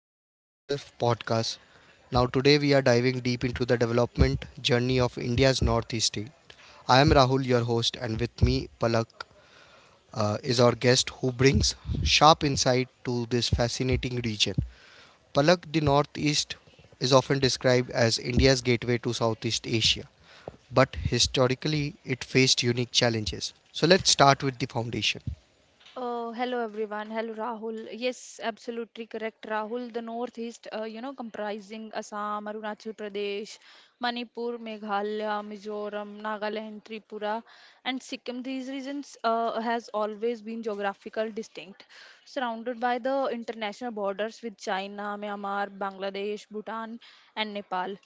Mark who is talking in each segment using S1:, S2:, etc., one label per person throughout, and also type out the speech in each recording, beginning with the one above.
S1: this special podcast. Now, today we are diving deep into the development journey of India's Northeast state. I am Rahul, your host, and with me, Palak is our guest who brings sharp insight to this fascinating region. Palak, the Northeast is often described as India's gateway to Southeast Asia, but historically it faced unique challenges. So, let's start with the foundation.
S2: Hello everyone. Hello Rahul. Yes, absolutely correct, Rahul. The northeast, comprising Assam, Arunachal Pradesh, Manipur, Meghalaya, Mizoram, Nagaland, Tripura, and Sikkim. These regions has always been geographical distinct, surrounded by the international borders with China, Myanmar, Bangladesh, Bhutan, and Nepal.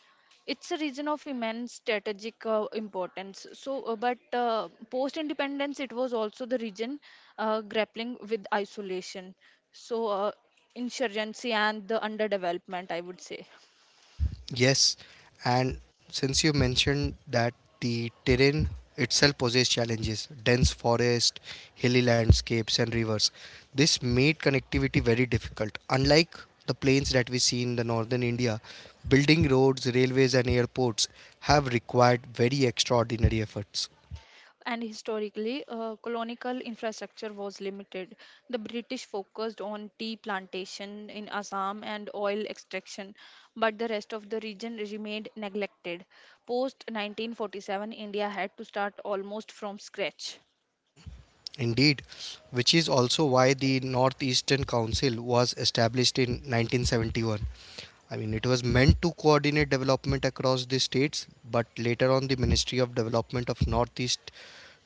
S2: It's a region of immense strategic importance. So but Post independence, it was also the region grappling with isolation, so uh, insurgency, and the underdevelopment, I would say.
S1: Yes, and since you mentioned that the terrain itself poses challenges, dense forest, hilly landscapes, and rivers, this made connectivity very difficult. Unlike the plains that we see in the northern India, building roads, railways, and airports have required very extraordinary efforts.
S2: And historically, colonial infrastructure was limited. The british focused on tea plantation in Assam and oil extraction, but the rest of the region remained neglected. Post 1947, India had to start almost from scratch.
S1: Indeed, which is also why the Northeastern Council was established in 1971. I mean, it was meant to coordinate development across the states, but later on, the Ministry of Development of Northeast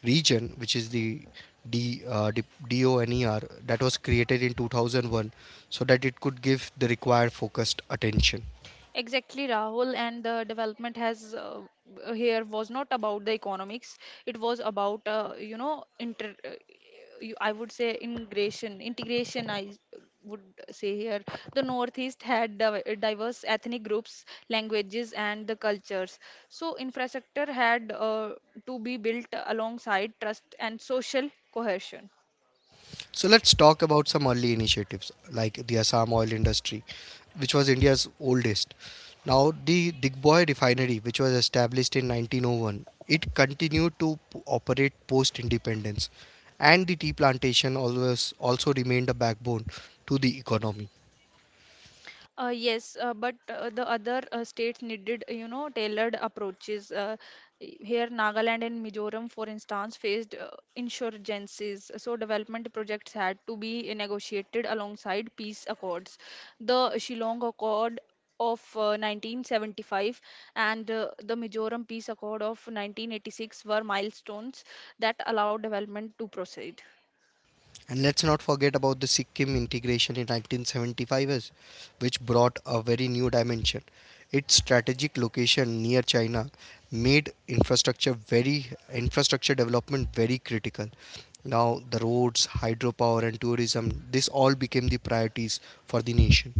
S1: Region, which is the D, uh, DONER, that was created in 2001, so that it could give the required focused attention.
S2: Exactly, Rahul, and the development has here was not about the economics. It was about I would say integration. Integration, I would say here. The Northeast had diverse ethnic groups, languages, and the cultures. So infrastructure had to be built alongside trust and social cohesion.
S1: So let's talk about some early initiatives like the Assam oil industry, which was India's oldest. Now, the Digboi refinery, which was established in 1901, it continued to operate post independence, and the tea plantation always also remained a backbone to the economy.
S2: Yes, but the other states needed, tailored approaches. Here, Nagaland and Mizoram, for instance, faced insurgencies, so development projects had to be negotiated alongside peace accords. The Shillong Accord of 1975 and the Mizoram Peace Accord of 1986 were milestones that allowed development to proceed.
S1: And let's not forget about the Sikkim integration in 1975, which brought a very new dimension. Its strategic location near China made infrastructure very infrastructure development very critical. Now the roads, hydropower and tourism, this all became the priorities for the nation.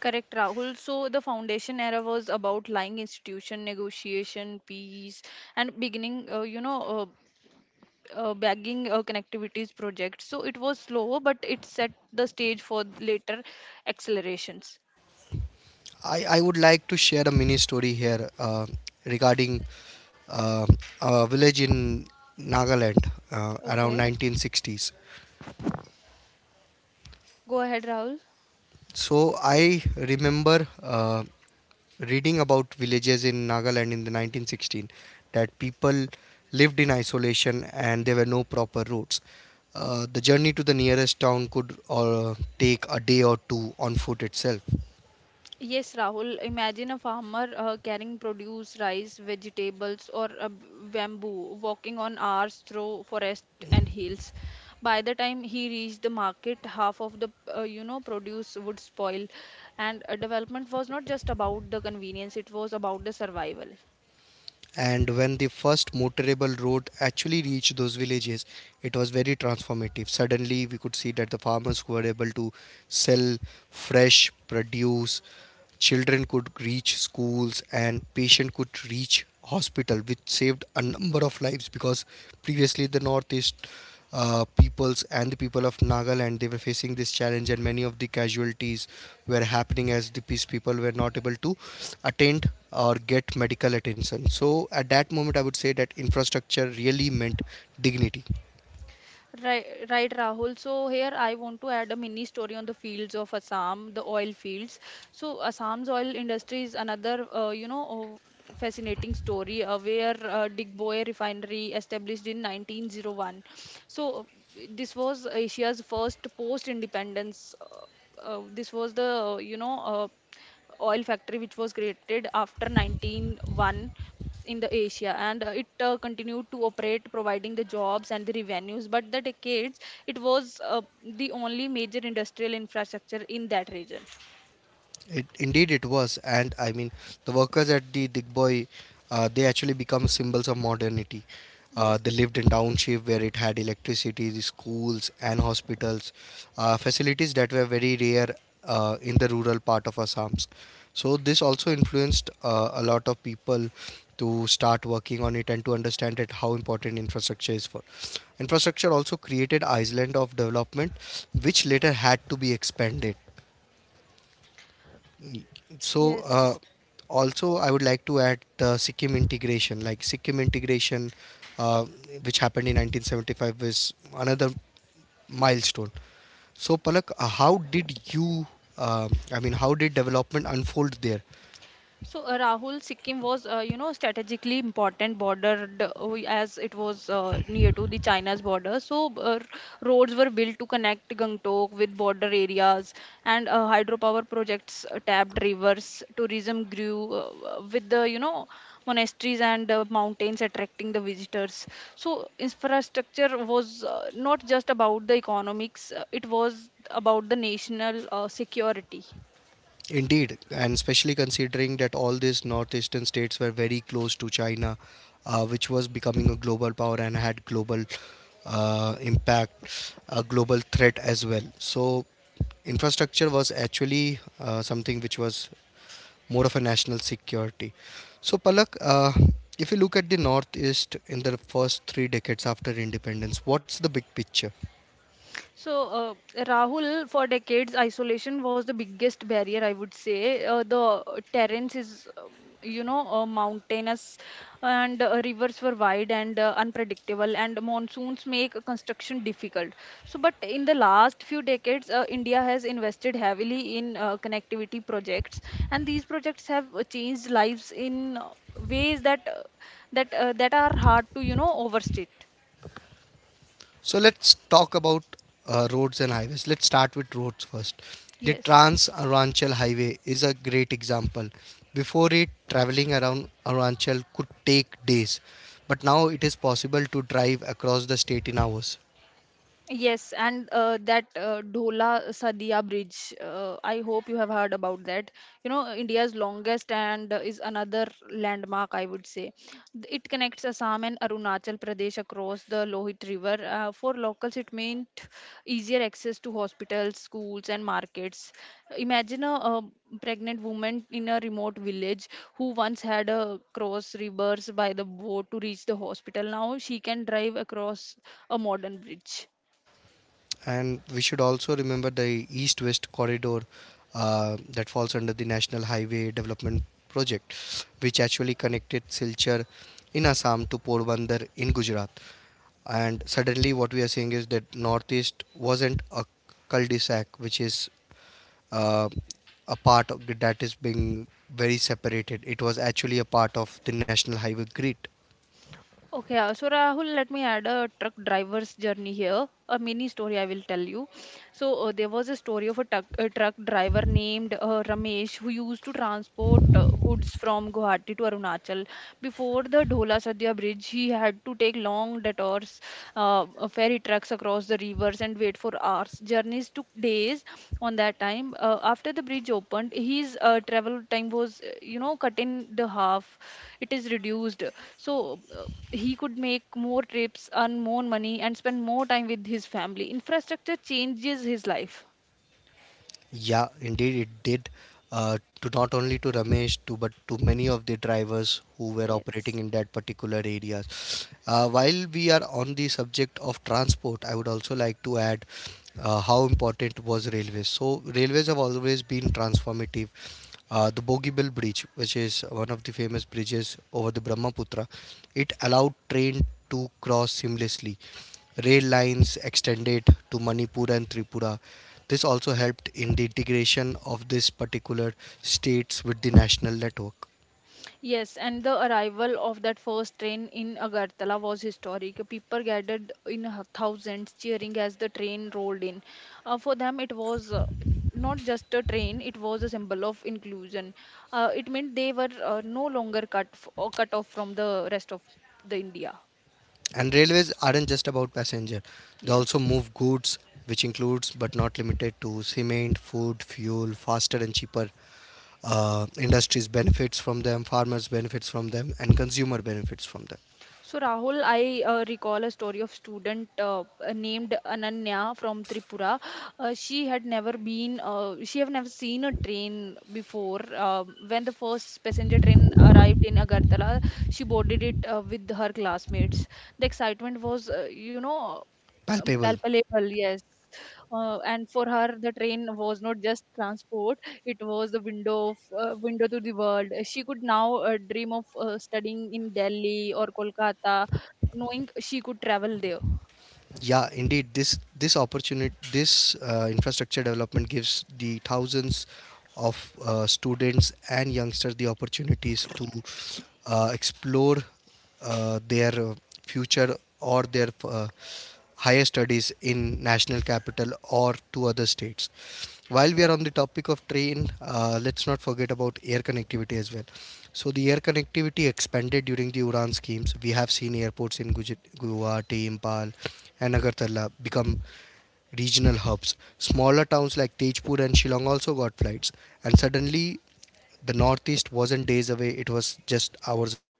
S2: Correct, Rahul. So the foundation era was about lying institution, negotiation, peace, and beginning, bagging connectivities project. So it was slow, but it set the stage for later accelerations.
S1: I would like to share a mini story here regarding uh, a village in Nagaland around
S2: Okay,
S1: 1960s.
S2: go ahead, Rahul.
S1: So I remember reading about villages in Nagaland in the 1916 that people lived in isolation and there were no proper roads. The journey to the nearest town could take a day or two on foot itself.
S2: Yes, Rahul, imagine a farmer carrying produce, rice, vegetables, or a bamboo, walking on hours through forest and hills. By the time he reached the market, half of the produce would spoil, and development was not just about the convenience; it was about the survival.
S1: And when the first motorable road actually reached those villages, it was very transformative. Suddenly we could see that the farmers who were able to sell fresh produce, children could reach schools, and patient could reach hospital, which saved a number of lives, because previously the northeast peoples and the people of Nagaland, they were facing this challenge, and many of the casualties were happening as the peace people were not able to attend or get medical attention. So, at that moment, I would say that infrastructure really meant dignity.
S2: Right, right, Rahul. So here I want to add a mini story on the fields of Assam, the oil fields. So Assam's oil industry is another, fascinating story where Digboy Refinery established in 1901. So uh, this was Asia's first post-independence. This was the, oil factory which was created after 1901 in the Asia, and it continued to operate, providing the jobs and the revenues. But the decades, it was the only major industrial infrastructure in that region.
S1: It, indeed, it was, and I mean, the workers at the Digboy, they actually become symbols of modernity. They
S2: Yes,
S1: lived in township where it had electricity, the schools and hospitals, facilities that were very rare in the rural part of Assam's. So this also influenced a lot of people to start working on it and to understand it how important infrastructure is for. Infrastructure also created island of development, which later had to be expanded, so uh,
S2: yes.
S1: also I would like to add the Sikkim integration. Uh, which happened in 1975 is another milestone. So Palak, how did you I mean, how did development unfold there?
S2: So, Rahul, Sikkim was, strategically important border as it was near to the China's border. So, roads were built to connect Gangtok with border areas, and hydropower projects tapped rivers. Tourism grew with monasteries and mountains attracting the visitors. So, infrastructure was not just about the economics; it was about the national security.
S1: Indeed, and especially considering that all these northeastern states were very close to China, which was becoming a global power and had global impact, a global threat as well. So, infrastructure was actually something which was more of a national security. So, Palak, if you look at the Northeast in the first three decades after independence, what's the big picture?
S2: So, Rahul, for decades, isolation was the biggest barrier, I would say. The terrains is, mountainous, and rivers were wide and unpredictable, and monsoons make construction difficult. So, but in the last few decades, India has invested heavily in connectivity projects, and these projects have changed lives in ways that that that are hard to, overstate.
S1: So let's talk about roads and highways. Let's start with roads first. The
S2: Yes.
S1: Trans Arunachal Highway is a great example. Before it, traveling around Arunachal could take days, but now it is possible to drive across the state in hours.
S2: Yes, and that Dhola Sadia Bridge. I hope you have heard about that. You know, India's longest and is another landmark, I would say. It connects Assam and Arunachal Pradesh across the Lohit River. For locals, it meant easier access to hospitals, schools, and markets. Imagine a, pregnant woman in a remote village who once had a cross rivers by the boat to reach the hospital. Now she can drive across a modern bridge.
S1: And we should also remember the east west corridor that falls under the National Highway Development Project, which actually connected Silchar in Assam to Porbandar in Gujarat. And suddenly what we are seeing is that northeast wasn't a cul-de-sac, which is uh, a part of the that is being very separated. It was actually a part of the national highway grid.
S2: Okay, so Rahul, let me add a truck driver's journey here. A mini story I will tell you. There was a story of a truck driver named Ramesh who used to transport goods from Guwahati to Arunachal. Before the Dhola Sadhya Bridge, he had to take long detours, ferry trucks across the rivers, and wait for hours. Journeys took days on that time. After the bridge opened, his travel time was, cut in the half. It is reduced. He could make more trips, earn more money, and spend more time with his family. Infrastructure changes his life.
S1: Yeah, indeed it did. To not only to Ramesh to but to many of the drivers who were
S2: Yes.
S1: operating in that particular area. While we are on the subject of transport, I would also like to add how important was railways. So railways have always been transformative. The Bogeybill Bridge, which is one of the famous bridges over the Brahmaputra, it allowed train to cross seamlessly. Rail lines extended to Manipur and Tripura. This also helped in the integration of these particular states with the national network.
S2: Yes, and the arrival of that first train in Agartala was historic. People gathered in thousands, cheering as the train rolled in. For them, it was not just a train, it was a symbol of inclusion. It meant they were no longer cut, or cut off from the rest of the India.
S1: And railways aren't just about passenger, they also
S2: Yes.
S1: move goods, which includes but not limited to cement, food, fuel, faster and cheaper. Uh, industries benefits from them, farmers benefits from them, and consumer benefits from them.
S2: So Rahul, I recall a story of student named Ananya from Tripura. She have never seen a train before. When the first passenger train arrived in Agartala, she boarded it with her classmates. The excitement was,
S1: Palpable.
S2: palpable. Yes, and for her the train was not just transport, it was the window of, window to the world. She could now dream of studying in Delhi or Kolkata, knowing she could travel there.
S1: Yeah, indeed. This opportunity, this infrastructure development gives the thousands of students and youngsters the opportunities to explore their future or their higher studies in national capital or to other states. While we are on the topic of train, let's not forget about air connectivity as well. So the air connectivity expanded during the Uran schemes. We have seen airports in Guwahati, Impal, and Agartala become regional hubs. Smaller towns like Tejpur and Shillong also got flights, and suddenly the northeast wasn't days away, it was just hours away.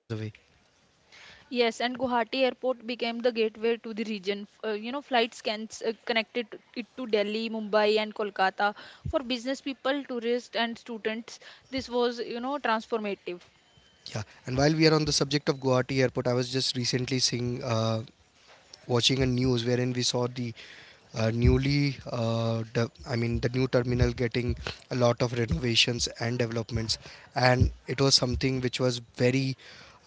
S2: Yes, and Guwahati airport became the gateway to the region. Flights can connected it to Delhi, Mumbai, and Kolkata. For business people, tourists, and students, this was, transformative.
S1: Yeah, and while we are on the subject of Guwahati airport, I was just recently seeing watching a news wherein we saw the I mean, the new terminal getting a lot of renovations and developments, and it was something which was very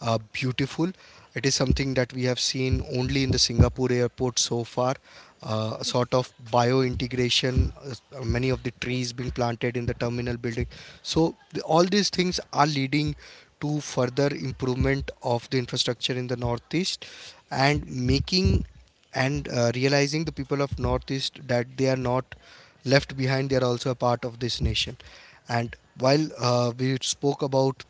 S1: beautiful. It is something that we have seen only in the Singapore airport so far. A sort of bio integration, many of the trees being planted in the terminal building. So, all these things are leading to further improvement of the infrastructure in the northeast and making and realizing the people of northeast that they are not left behind, they are also a part of this nation. And while we spoke about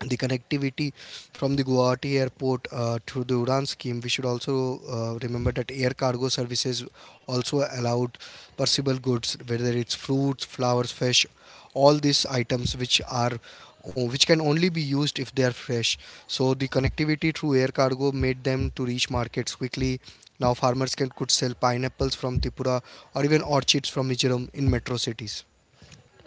S1: the connectivity from the Guwahati airport to the Udan scheme, we should also remember that air cargo services also allowed perishable goods, whether it's fruits, flowers, fish, all these items which are which can only be used if they are fresh. So the connectivity through air cargo made them to reach markets quickly. Now farmers can could sell pineapples from Tripura or even orchids from Mizoram in metro cities.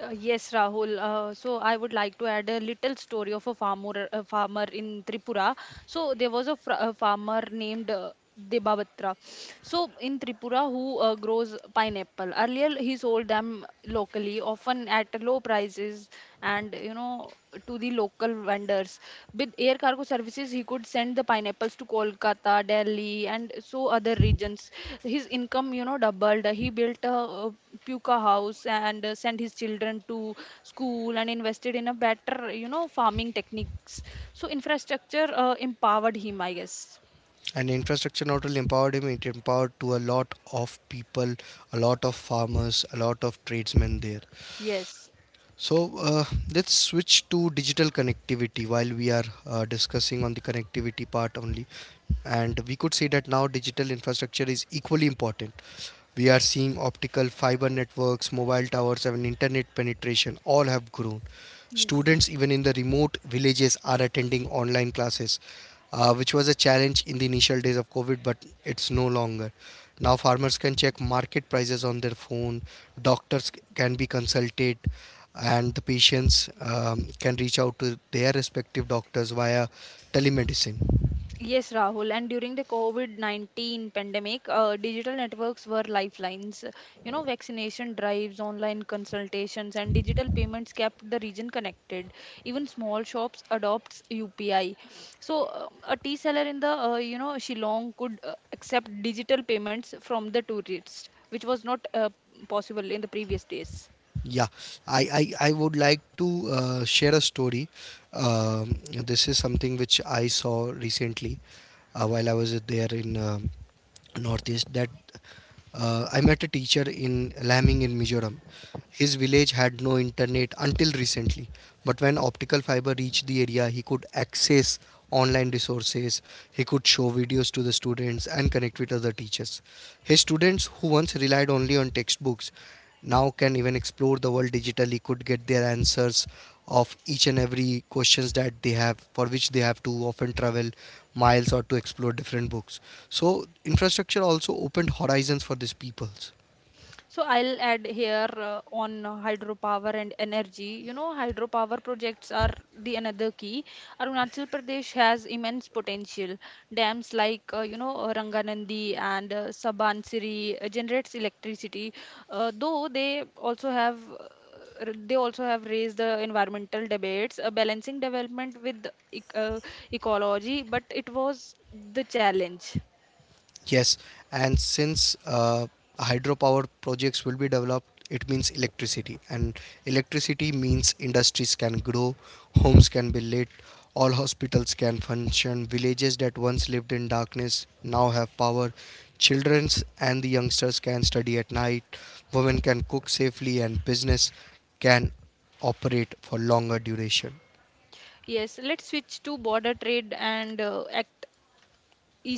S2: Yes, Rahul. So I would like to add a little story of a farmer in Tripura. So there was a, a farmer named Debabatra. So in Tripura, who grows pineapple. Earlier, he sold them locally, often at low prices, and to the local vendors. With air cargo services, he could send the pineapples to Kolkata, Delhi, and so other regions. His income, doubled. He built a, puka house, and sent his children to school, and invested in a better, farming techniques. So infrastructure empowered him, I guess.
S1: And infrastructure not only empowered him, it empowered to a lot of people, a lot of farmers, a lot of tradesmen there.
S2: Yes.
S1: So let's switch to digital connectivity while we are discussing on the connectivity part only. And we could say that now digital infrastructure is equally important. We are seeing optical fiber networks, mobile towers, and internet penetration all have grown.
S2: Yes.
S1: Students even in the remote villages are attending online classes, which was a challenge in the initial days of COVID, but it's no longer. Now farmers can check market prices on their phone, doctors can be consulted, and the patients can reach out to their respective doctors via telemedicine.
S2: Yes, Rahul. And during the COVID 19 pandemic, digital networks were lifelines. You know, vaccination drives, online consultations, and digital payments kept the region connected. Even small shops adopts UPI. So, a tea seller in the, Shillong could accept digital payments from the tourists, which was not possible in the previous days.
S1: Yeah, I would like to share a story. This is something which I saw recently while I was there in Northeast. That I met a teacher in Laming in Mizoram. His village had no internet until recently, but when optical fiber reached the area, he could access online resources, he could show videos to the students, and connect with other teachers. His students, who once relied only on textbooks, now can even explore the world digitally, could get their answers of each and every questions that they have, for which they have to often travel miles or to explore different books. So infrastructure also opened horizons for these peoples.
S2: So I'll add here on hydropower and energy. You know, hydropower projects are the another key. Arunachal Pradesh has immense potential. Dams like Ranganandi and Sabansiri generates electricity, though they also have they also have raised the environmental debates, balancing development with ec- uh, ecology, but it was the challenge.
S1: Yes, and since hydropower projects will be developed, it means electricity, and electricity means industries can grow, homes can be lit, all hospitals can function, villages that once lived in darkness now have power, childrens and the youngsters can study at night, women can cook safely, and business can operate for longer duration.
S2: Yes, let's switch to border trade and act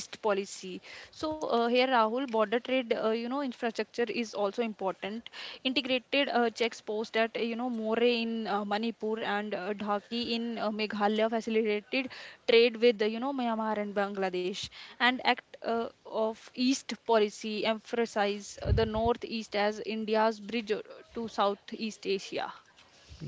S2: east policy. So here Rahul, border trade infrastructure is also important. Integrated checks post at Moray in Manipur, and Dhaki in Meghalaya facilitated trade with Myanmar and Bangladesh. And act of east policy emphasize the northeast as India's bridge to Southeast Asia.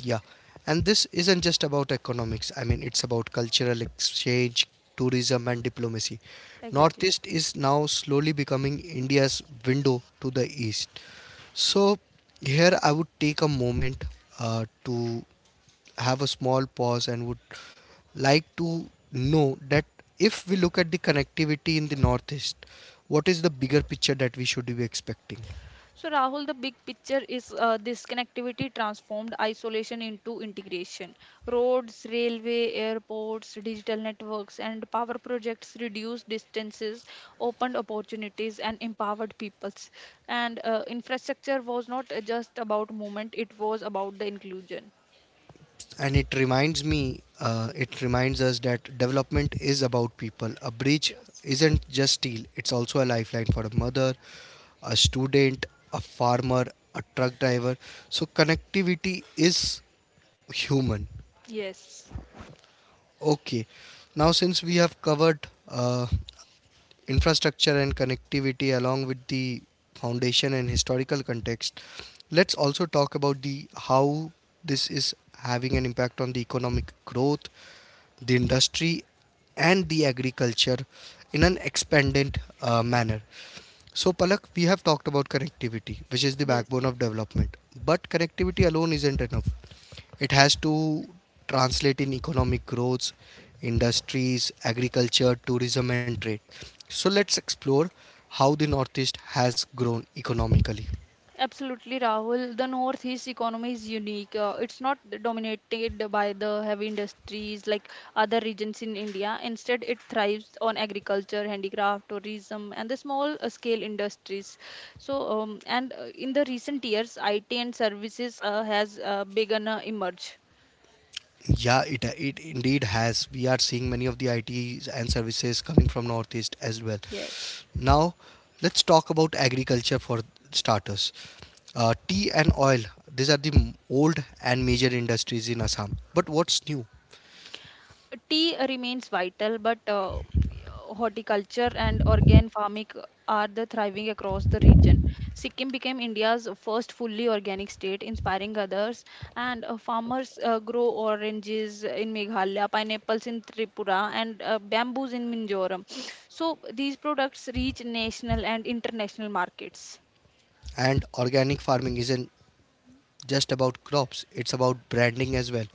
S1: Yeah, and this isn't just about economics. I mean, it's about cultural exchange, tourism, and diplomacy.
S2: Exactly.
S1: Northeast is now slowly becoming India's window to the East. So, here I would take a moment to have a small pause and would like to know that if we look at the connectivity in the Northeast, what is the bigger picture that we should be expecting?
S2: So, Rahul, the big picture is this connectivity transformed isolation into integration. Roads, railway, airports, digital networks, and power projects reduced distances, opened opportunities, and empowered peoples. And infrastructure was not just about movement, it was about the inclusion.
S1: And it reminds me it reminds us that development is about people. A bridge isn't just steel, it's also a lifeline for a mother, a student, a farmer, a truck driver. So connectivity is human.
S2: Yes.
S1: Okay. Now since we have covered infrastructure and connectivity along with the foundation and historical context, let's also talk about the how this is having an impact on the economic growth, the industry, and the agriculture in an expanded manner. So, Palak, we have talked about connectivity, which is the backbone
S2: Yes.
S1: of development. But connectivity alone isn't enough. It has to translate in economic growth, industries, agriculture, tourism, and trade. So, let's explore how the Northeast has grown economically.
S2: Absolutely, Rahul. The Northeast economy is unique. It's not dominated by the heavy industries like other regions in India. Instead, it thrives on agriculture, handicraft, tourism, and the small scale industries. So, and in the recent years, IT and services has begun to emerge.
S1: Yeah, it indeed has. We are seeing many of the ITs and services coming from Northeast as well.
S2: Yes.
S1: Now, let's talk about agriculture for starters. Tea and oil, these are the old and major industries in Assam. But what's new?
S2: Tea remains vital, but horticulture and organic farming are the thriving across the region. Sikkim became India's first fully organic state, inspiring others. And farmers grow oranges in Meghalaya, pineapples in Tripura, and bamboos in Minzoram. So these products reach national and international markets.
S1: And organic farming is an just about crops, it's about branding as well.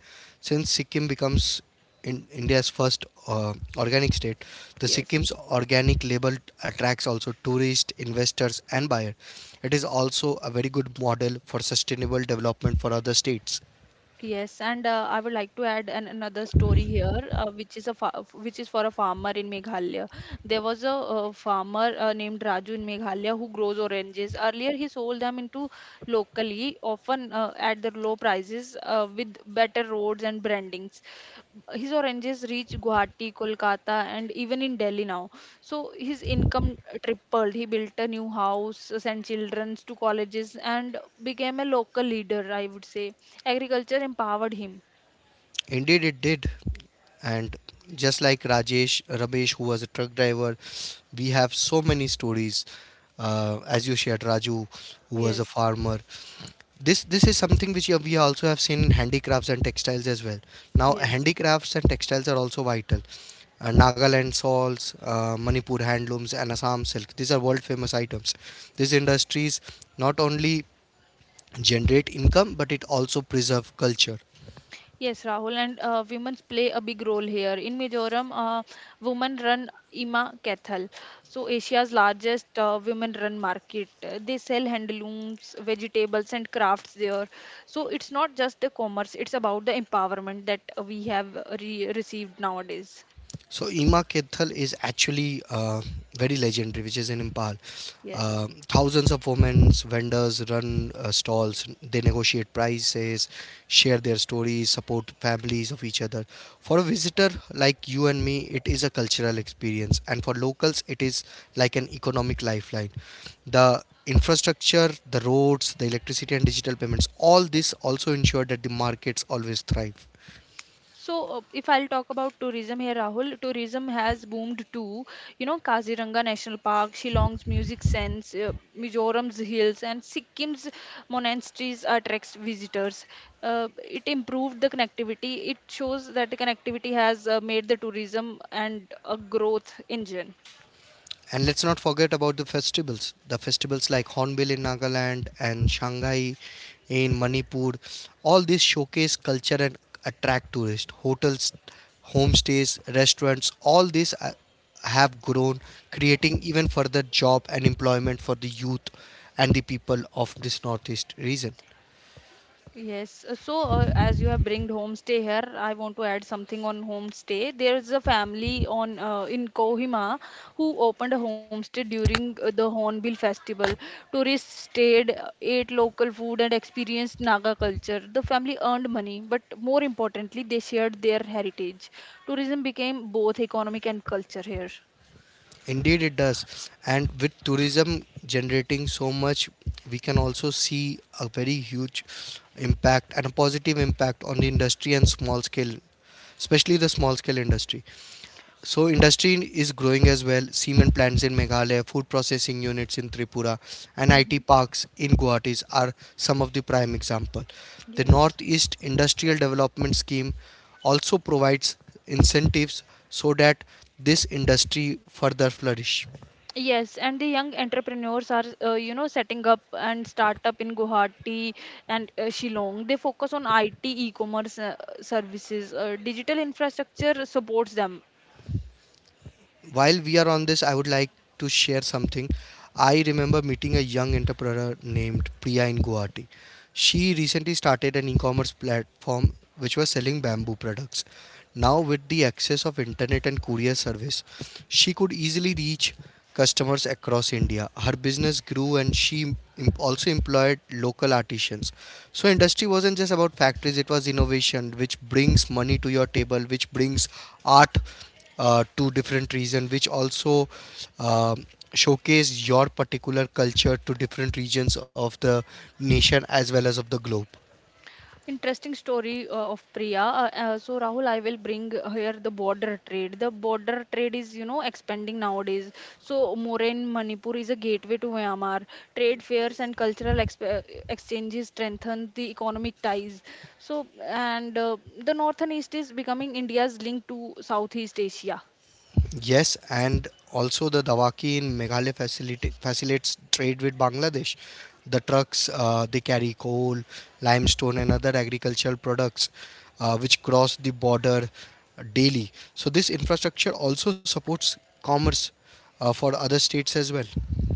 S1: Since Sikkim becomes in India's first organic state, the
S2: Yes.
S1: Sikkim's organic label attracts also tourists, investors, and buyers. It is also a very good model for sustainable development for other states.
S2: Yes, and I would like to add an, another story here, which is a fa which is for a farmer in Meghalaya. There was a, farmer named Raju in Meghalaya who grows oranges. Earlier, he sold them into locally, often at the low prices, with better roads and brandings. His oranges reach Guwahati, Kolkata, and even in Delhi now. So his income tripled. He built a new house, sent children to colleges, and became a local leader, I would say. Agriculture empowered him.
S1: Indeed, it did. And just like Rajesh, Ramesh, who was a truck driver, we have so many stories. As you shared, Raju, who was a
S2: Yes,
S1: farmer. This is something which we also have seen in handicrafts and textiles as well. Now
S2: yes.
S1: handicrafts and textiles are also vital. Nagaland shawls, Manipur handlooms, and Assam silk, these are world famous items. These industries not only generate income but it also preserve culture.
S2: Yes, Rahul, and women play a big role here. In Mizoram, women run Ima Cathal, so Asia's largest women-run market. They sell handlooms, vegetables, and crafts there. So it's not just the commerce; it's about the empowerment that we have received nowadays.
S1: So Ema Kethal is actually very legendary, which is in Impal.
S2: Yes.
S1: Thousands of women vendors run stalls. They negotiate prices, share their stories, support families of each other. For a visitor like you and me, it is a cultural experience, and for locals, it is like an economic lifeline. The infrastructure, the roads, the electricity, and digital payments—all this also ensure that the markets always thrive.
S2: If I'll talk about tourism here, Rahul, tourism has boomed too. You know, Kaziranga National Park, Shillong's music sense, Mizoram's hills, and Sikkim's monasteries attracts visitors. It improved the connectivity. It shows that the connectivity has made the tourism and a growth engine.
S1: And let's not forget about the festivals. The festivals like Hornbill in Nagaland and Shanghai in Manipur. All these showcase culture and attract tourists. Hotels, homestays, restaurants, all these have grown, creating even further job and employment for the youth and the people of this northeast region.
S2: As you have bringed homestay here, I want to add something on homestay. There is a family on in Kohima who opened a homestay during the Hornbill Festival. Tourists stayed, ate local food, and experienced Naga culture. The family earned money, but more importantly, they shared their heritage. Tourism became both economic and culture here.
S1: Indeed, it does. And with tourism generating so much, we can also see a very huge impact and a positive impact on the industry and small scale, especially the small scale industry. So industry is growing as well. Cement plants in Meghalaya, food processing units in Tripura, and IT
S2: hmm
S1: parks in Guwahati are some of the prime example. The
S2: Yes.
S1: Northeast Industrial Development Scheme also provides incentives so that this industry further flourish.
S2: Yes, and the young entrepreneurs are, you know, setting up and startup in Guwahati and Shillong. They focus on IT, e-commerce services. Digital infrastructure supports them.
S1: While we are on this, I would like to share something. I remember meeting a young entrepreneur named Priya in Guwahati. She recently started an e-commerce platform which was selling bamboo products. Now with the access of internet and courier service, she could easily reach customers across India. Her business grew and she also employed local artisans. So industry wasn't just about factories, it was innovation which brings money to your table, which brings art to different regions, which also um, showcase your particular culture to different regions of the nation as well as of the globe.
S2: Interesting story of Priya. So Rahul, I will bring here the border trade. The border trade is, you know, expanding nowadays. So Moraine, Manipur is a gateway to Myanmar. Trade fairs and cultural exchanges strengthen the economic ties. So and The north and east is becoming India's link to Southeast Asia.
S1: Yes, and also the Dawaki in Meghalaya facilitates trade with Bangladesh. The trucks they carry coal, limestone, and other agricultural products which cross the border daily. So this infrastructure also supports commerce for other states as well.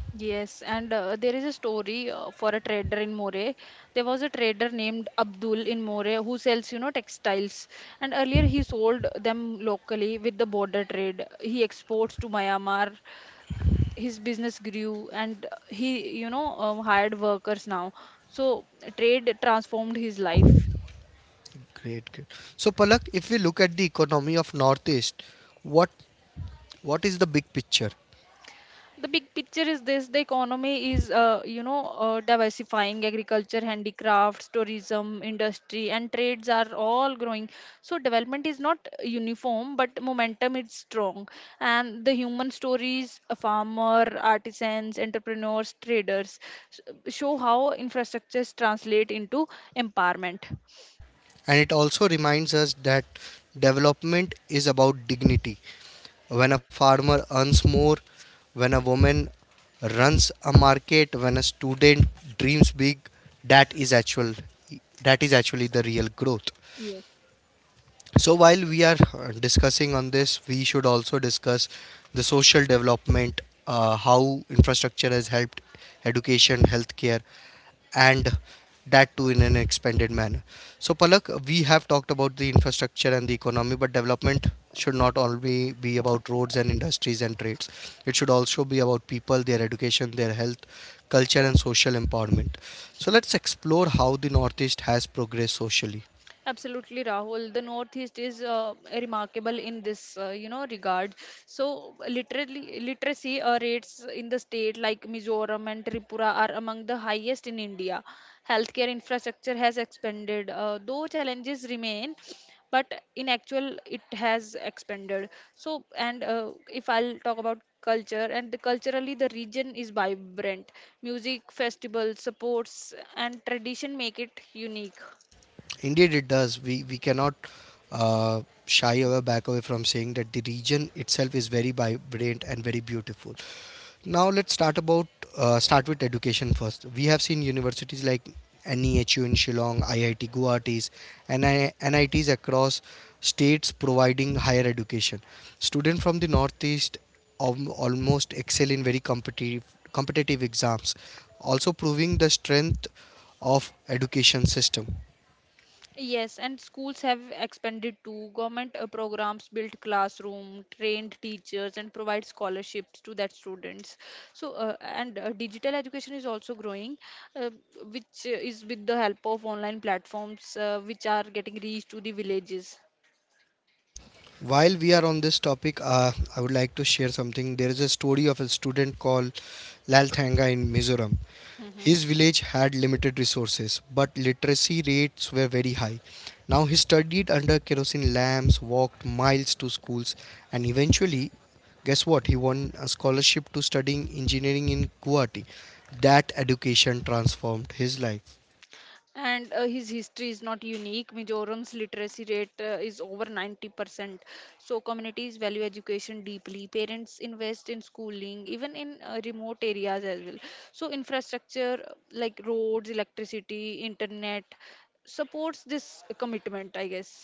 S2: Yes, and there is a story for a trader in Moray. There was a trader named Abdul in Moray who sells, you know, textiles. And earlier he sold them locally with the border trade. He exports to Myanmar. His business grew, and he, you know, hired workers now. So trade transformed his life.
S1: Great, great. So, Palak, if we look at the economy of Northeast, what what is the big picture?
S2: The big picture is this: the economy is diversifying. Agriculture, handicrafts, tourism, industry, and trades are all growing. So development is not uniform, but momentum is strong, and the human stories, a farmer, artisans, entrepreneurs, traders, show how infrastructures translate into empowerment.
S1: And it also reminds us that development is about dignity. When a farmer earns more, when a woman runs a market, when a student dreams big, that is actual that is actually the real growth.
S2: Yes.
S1: So while we are discussing on this, we should also discuss the social development, how infrastructure has helped education, healthcare, and that too in an expanded manner. So Palak, we have talked about the infrastructure and the economy, but development should not only be about roads and industries and trades. It should also be about people, their education, their health, culture, and social empowerment. So let's explore how the Northeast has progressed socially.
S2: Absolutely, Rahul. The Northeast is remarkable in this, regard. So, literally, literacy rates in the state like Mizoram and Tripura are among the highest in India. Healthcare infrastructure has expanded, though challenges remain. But in actual, it has expanded. So, and If I'll talk about culture, and the culturally, the region is vibrant. Music, festivals, supports, and tradition make it unique.
S1: Indeed, it does. We cannot shy away from saying that the region itself is very vibrant and very beautiful. Now let's start with education first. We have seen universities like NEHU in Shillong, IIT Guwahati's, and NITs across states providing higher education. Students from the northeast almost excel in very competitive exams, also proving the strength of education system.
S2: Yes, and schools have expanded too. Government programs built classroom, trained teachers, and provide scholarships to that students. So, and digital education is also growing, uh, which is with the help of online platforms, which are getting reached to the villages.
S1: While we are on this topic, I would like to share something. There is a story of a student called Lal Thanga in Mizoram.
S2: Mm-hmm.
S1: His village had limited resources, but literacy rates were very high. Now he studied under kerosene lamps, walked miles to schools, and eventually, guess what? He won a scholarship to studying engineering in Guwahati. That education transformed his life.
S2: And his history is not unique. Mizoram's literacy rate is over 90%, so communities value education deeply. Parents invest in schooling even in remote areas as well. So infrastructure like roads, electricity, internet supports this commitment, I guess.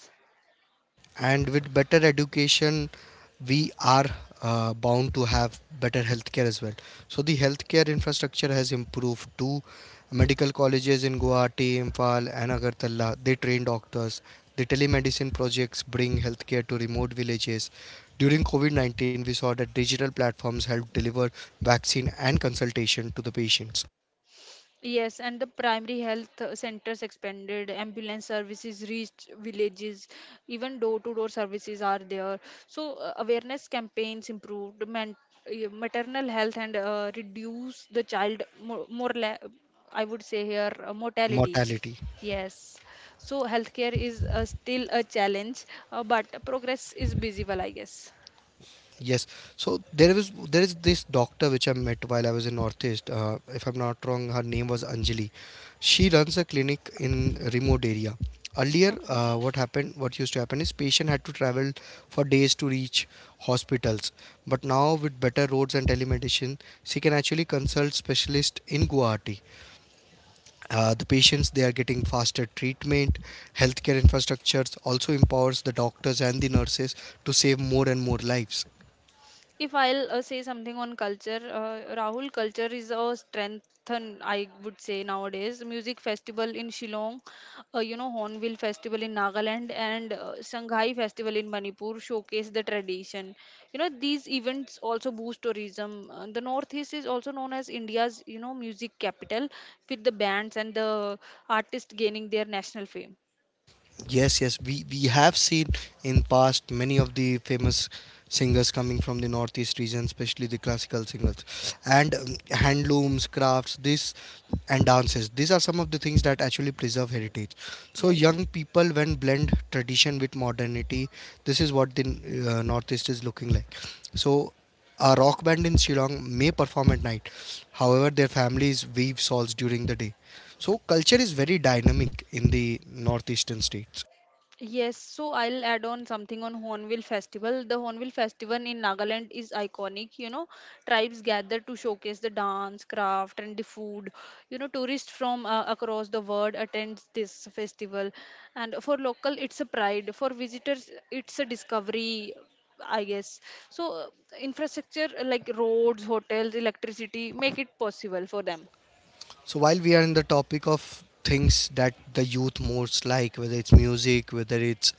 S1: And with better education we are bound to have better healthcare as well. So the healthcare infrastructure has improved too. Medical colleges in Guwahati, Imphal, and Agartala, they train doctors. The telemedicine projects bring healthcare to remote villages. During covid-19 we saw that digital platforms help deliver vaccine and consultation to the patients.
S2: Yes, and the primary health centers expanded, ambulance services reached villages, even door to door services are there. Awareness campaigns improved, maternal health, and reduce the child I would say here, mortality.
S1: Mortality.
S2: Yes. So, healthcare is still a challenge, but progress is visible, I guess.
S1: Yes. There is this doctor which I met while I was in Northeast. If I'm not wrong, her name was Anjali. She runs a clinic in remote area. Earlier, what used to happen is patient had to travel for days to reach hospitals. But now with better roads and telemedicine, she can actually consult specialist in Guwahati. The patients they are getting faster treatment. Healthcare infrastructures also empowers the doctors and the nurses to save more and more lives.
S2: If I'll say something on culture, Rahul, culture is a strength, and I would say nowadays. Music festival in Shillong, Hornbill festival in Nagaland, and Shanghai festival in Manipur showcase the tradition. You know, these events also boost tourism. The Northeast is also known as India's, you know, music capital, with the bands and the artists gaining their national fame.
S1: Yes, yes, we have seen in past many of the famous singers coming from the northeast region, especially the classical singers, and handlooms, crafts, this and dances. These are some of the things that actually preserve heritage. So
S2: Yes.
S1: young people, when blend tradition with modernity, this is what the northeast is looking like. So a rock band in Shillong may perform at night. However, their families weave shawls during the day. So culture is very dynamic in the northeastern states.
S2: Yes, so I'll add on something on Hornbill Festival. The Hornbill Festival in Nagaland is iconic. You know, tribes gather to showcase the dance, craft, and the food. You know, tourists from across the world attend this festival, and for local, it's a pride. For visitors, it's a discovery. I guess so. Infrastructure like roads, hotels, electricity make it possible for them.
S1: So while we are in the topic of things that the youth most like, whether it's music, whether it's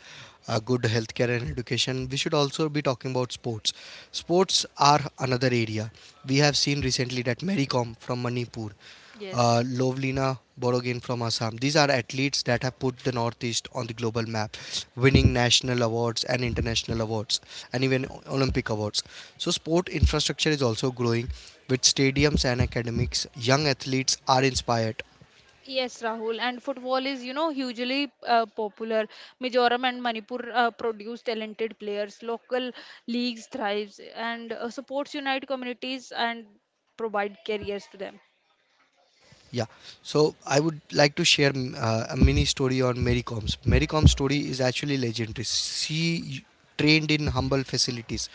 S1: good healthcare and education, we should also be talking about sports. Sports are another area. We have seen recently that Mary Kom from Manipur,
S2: Yes.
S1: Lovlina Borogin from Assam. These are athletes that have put the Northeast on the global map, winning national awards and international awards, and even Olympic awards. So, sport infrastructure is also growing with stadiums and academics. Young athletes are inspired.
S2: Yes, Rahul, and football is, you know, hugely popular. Mizoram and Manipur produce talented players. Local leagues thrives, and supports unite communities and provide careers to them.
S1: Yeah, so I would like to share a mini story on Mary Com's. Mary Com's story is actually legendary. She trained in humble facilities,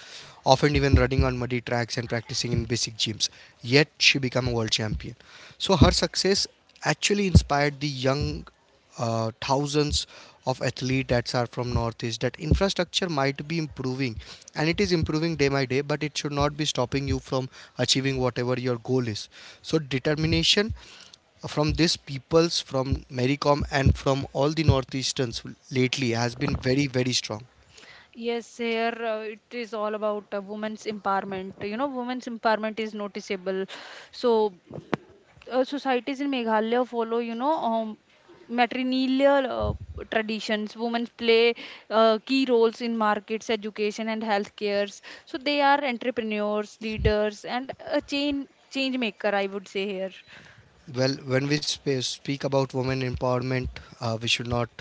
S1: often even running on muddy tracks and practicing in basic gyms. Yet she became a world champion. So her success actually inspired the young thousands of athletes that are from northeast, that infrastructure might be improving and it is improving day by day, but it should not be stopping you from achieving whatever your goal is. So determination from these peoples, from Mericom and from all the northeasterns lately has been very, very strong.
S2: Yes, here it is all about women's empowerment. You know, women's empowerment is noticeable. So societies in Meghalaya follow, matrilineal traditions. Women play key roles in markets, education, and healthcares. So they are entrepreneurs, leaders, and a chain change maker, I would say here.
S1: Well, when we speak about women empowerment, we should not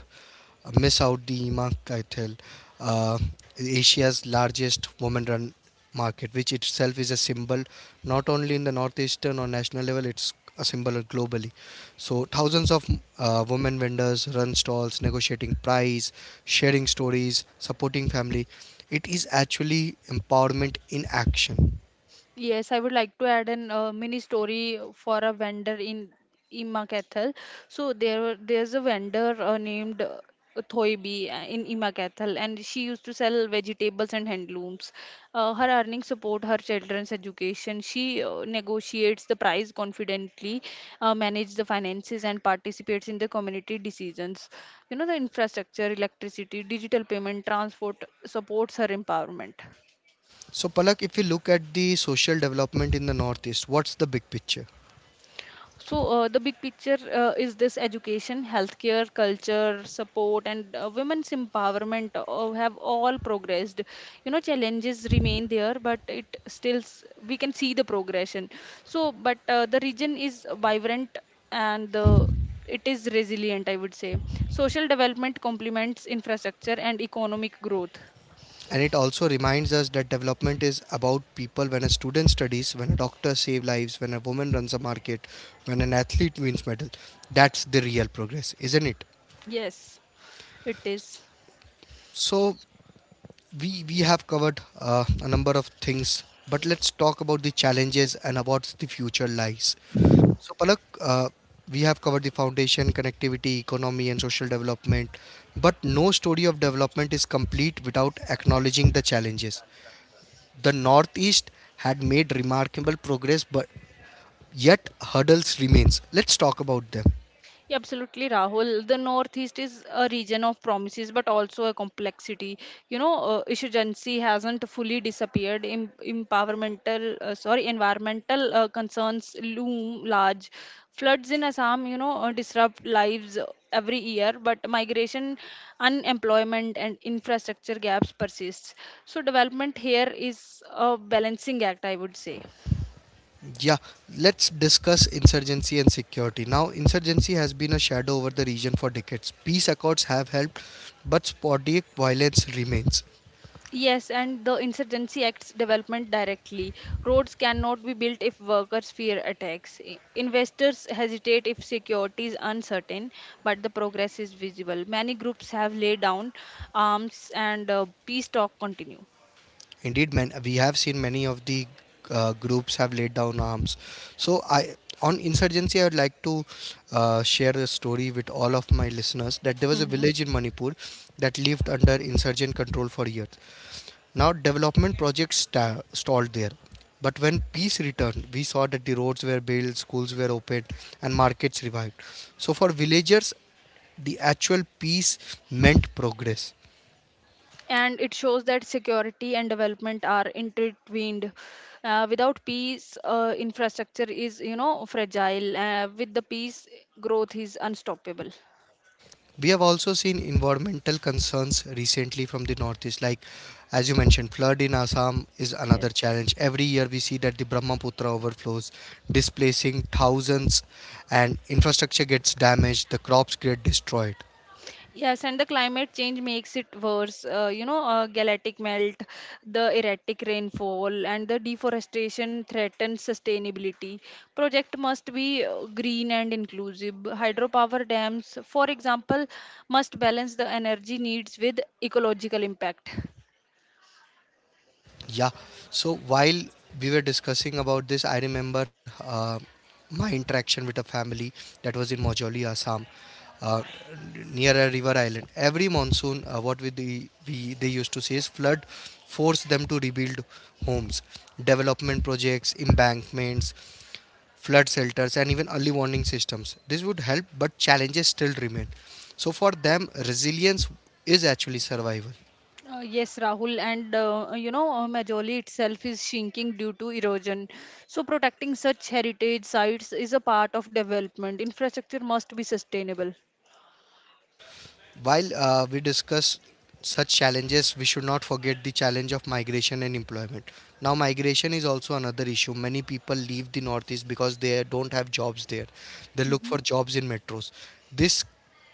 S1: miss out the Ima Kaithil, uh, Asia's largest women-run market, which itself is a symbol not only in the northeastern or national level, it's a symbol globally. So thousands of women vendors run stalls, negotiating price, sharing stories, supporting family. It is actually empowerment in action.
S2: Yes, I would like to add an mini story for a vendor in Imakathal. So there's a vendor named Thoibi in Imakathal, and she used to sell vegetables and handlooms. Her earnings support her children's education. She negotiates the price confidently, manages the finances and participates in the community decisions. You know, the infrastructure, electricity, digital payment, transport supports her empowerment.
S1: So, Palak, if we look at the social development in the Northeast, what's the big picture?
S2: The big picture is this: education, healthcare, culture, support, and women's empowerment have all progressed. You know, challenges remain there, but it still we can see the progression. So, but the region is vibrant, and the it is resilient, I would say. Social development complements infrastructure and economic growth.
S1: And it also reminds us that development is about people, when a student studies, when a doctor saves lives, when a woman runs a market, when an athlete wins medal. That's the real progress, isn't it?
S2: Yes, it is.
S1: So, we have covered a number of things, but let's talk about the challenges and about the future lies. So, Palak, we have covered the foundation, connectivity, economy, and social development, but no story of development is complete without acknowledging the challenges. The Northeast had made remarkable progress, but yet hurdles remains. Let's talk about them.
S2: Yeah, absolutely, Rahul. The Northeast is a region of promises, but also a complexity. Insurgency hasn't fully disappeared. Environmental concerns loom large. Floods in Assam, you know, disrupt lives every year, but migration, unemployment, and infrastructure gaps persists. So development here is a balancing act, I would say.
S1: Yeah, let's discuss insurgency and security. Now, insurgency has been a shadow over the region for decades. Peace accords have helped, but sporadic violence remains.
S2: Yes, and the Insurgency Act's development directly. Roads cannot be built if workers fear attacks. Investors hesitate if security is uncertain, but the progress is visible. Many groups have laid down arms, and peace talks continue.
S1: Indeed, man, we have seen many of the groups have laid down arms. So I, on insurgency, I would like to share a story with all of my listeners that there was a
S2: hmm
S1: village in Manipur that lived under insurgent control for years. Now development projects stalled there. But when peace returned, we saw that the roads were built, schools were opened, and markets revived. So for villagers, the actual peace meant progress.
S2: And it shows that security and development are intertwined. Without peace, infrastructure is, you know, fragile. With the peace, growth is unstoppable.
S1: We have also seen environmental concerns recently from the northeast, like as you mentioned, flood in Assam is another challenge. Every year we see that the Brahmaputra overflows, displacing thousands, and infrastructure gets damaged, the crops get destroyed.
S2: Yes, and the climate change makes it worse. Galactic melt, the erratic rainfall, and the deforestation threaten sustainability. Project must be green and inclusive. Hydropower dams, for example, must balance the energy needs with ecological impact.
S1: Yeah. So while we were discussing about this, I remember my interaction with a family that was in Majoli, Assam, uh, near a river island. Every monsoon, we they used to say is flood forced them to rebuild homes, development projects, embankments, flood shelters, and even early warning systems. This would help, but challenges still remain. So for them, resilience is actually survival.
S2: Yes, Rahul, and Majoli itself is shrinking due to erosion. So, protecting such heritage sites is a part of development. Infrastructure must be sustainable.
S1: While we discuss such challenges, we should not forget the challenge of migration and employment. Now, migration is also another issue. Many people leave the Northeast because they don't have jobs there. They look for jobs in metros. This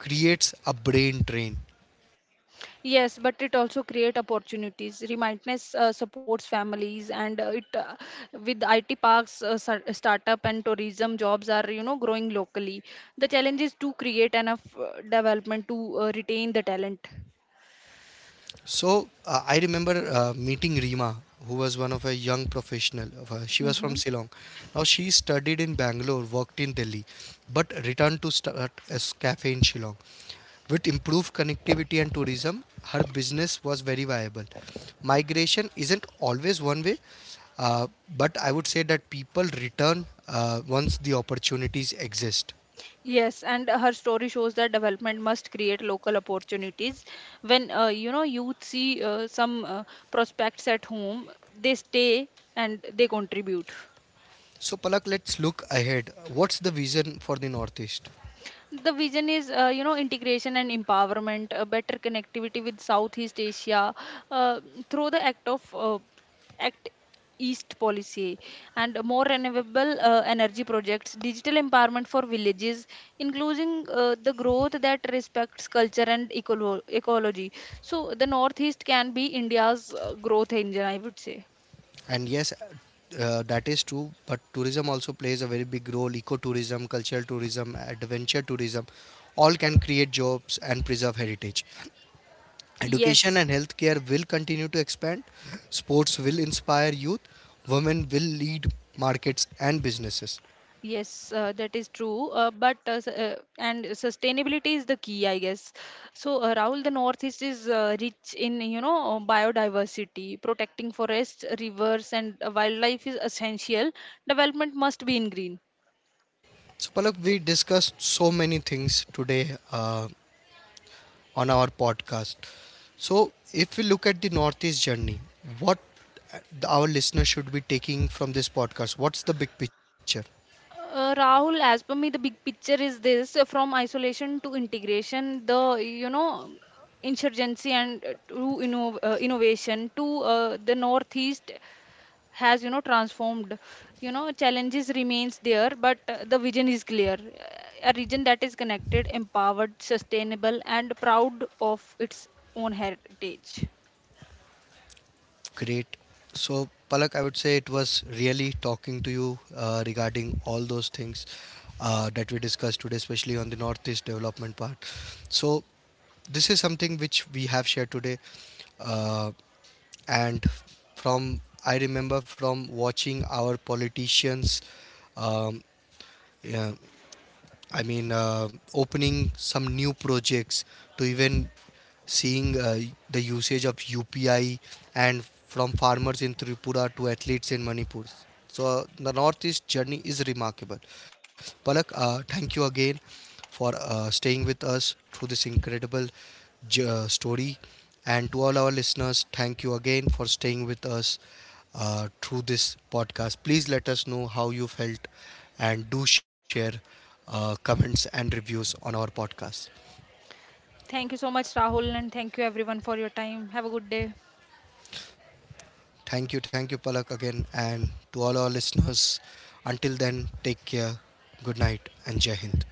S1: creates a brain drain.
S2: Yes, but it also create opportunities. Remindness supports families, and it with IT parks, startup, and tourism jobs are, you know, growing locally. The challenge is to create enough development to retain the talent.
S1: So, I remember meeting Rima, who was one of a young professional. She was
S2: hmm
S1: from Ceylon. Now, she studied in Bangalore, worked in Delhi, but returned to start a cafe in Shillong. With improved connectivity and tourism, her business was very viable. Migration isn't always one way, uh, but I would say that people return once the opportunities exist.
S2: Yes, and her story shows that development must create local opportunities. When you know, youth see some prospects at home, they stay and they contribute.
S1: So, Palak, let's look ahead. What's the vision for the Northeast?
S2: The vision is, you know, integration and empowerment, better connectivity with Southeast Asia uh, through the Act East policy, and more renewable energy projects, digital empowerment for villages, including the growth that respects culture and ecology. So the Northeast can be India's growth engine, I would say.
S1: And yes, that is true, but tourism also plays a very big role. Ecotourism, cultural tourism, adventure tourism, all can create jobs and preserve heritage. Education
S2: Yes.
S1: and healthcare will continue to expand. Sports will inspire youth. Women will lead markets and businesses.
S2: Yes, that is true. But s- and Sustainability is the key, I guess. So, Rahul, the Northeast is rich in, you know, biodiversity. Protecting forests, rivers, and wildlife is essential. Development must be in green.
S1: So, Palak, we discussed so many things today on our podcast. So, if we look at the Northeast journey, what uh, our listeners should be taking from this podcast? What's the big picture?
S2: Rahul, as per me, the big picture is this: from isolation to integration. The, you know, insurgency and to innovation to the northeast has, you know, transformed. You know, challenges remains there, but the vision is clear. A region that is connected, empowered, sustainable, and proud of its own heritage.
S1: Great. So, Palak, I would say it was really talking to you regarding all those things that we discussed today, especially on the Northeast development part. So, this is something which we have shared today. Uh, and from, I remember from watching our politicians um, yeah, opening some new projects to even seeing the usage of UPI and from farmers in Tripura to athletes in Manipur. So the Northeast journey is remarkable. Palak, thank you again for staying with us through this incredible story. And to all our listeners, thank you again for staying with us through this podcast. Please let us know how you felt and do share comments and reviews on our podcast.
S2: Thank you so much, Rahul, and thank you everyone for your time. Have a good day.
S1: Thank you, Palak, again. And to all our listeners, until then, take care, good night, and Jai Hind.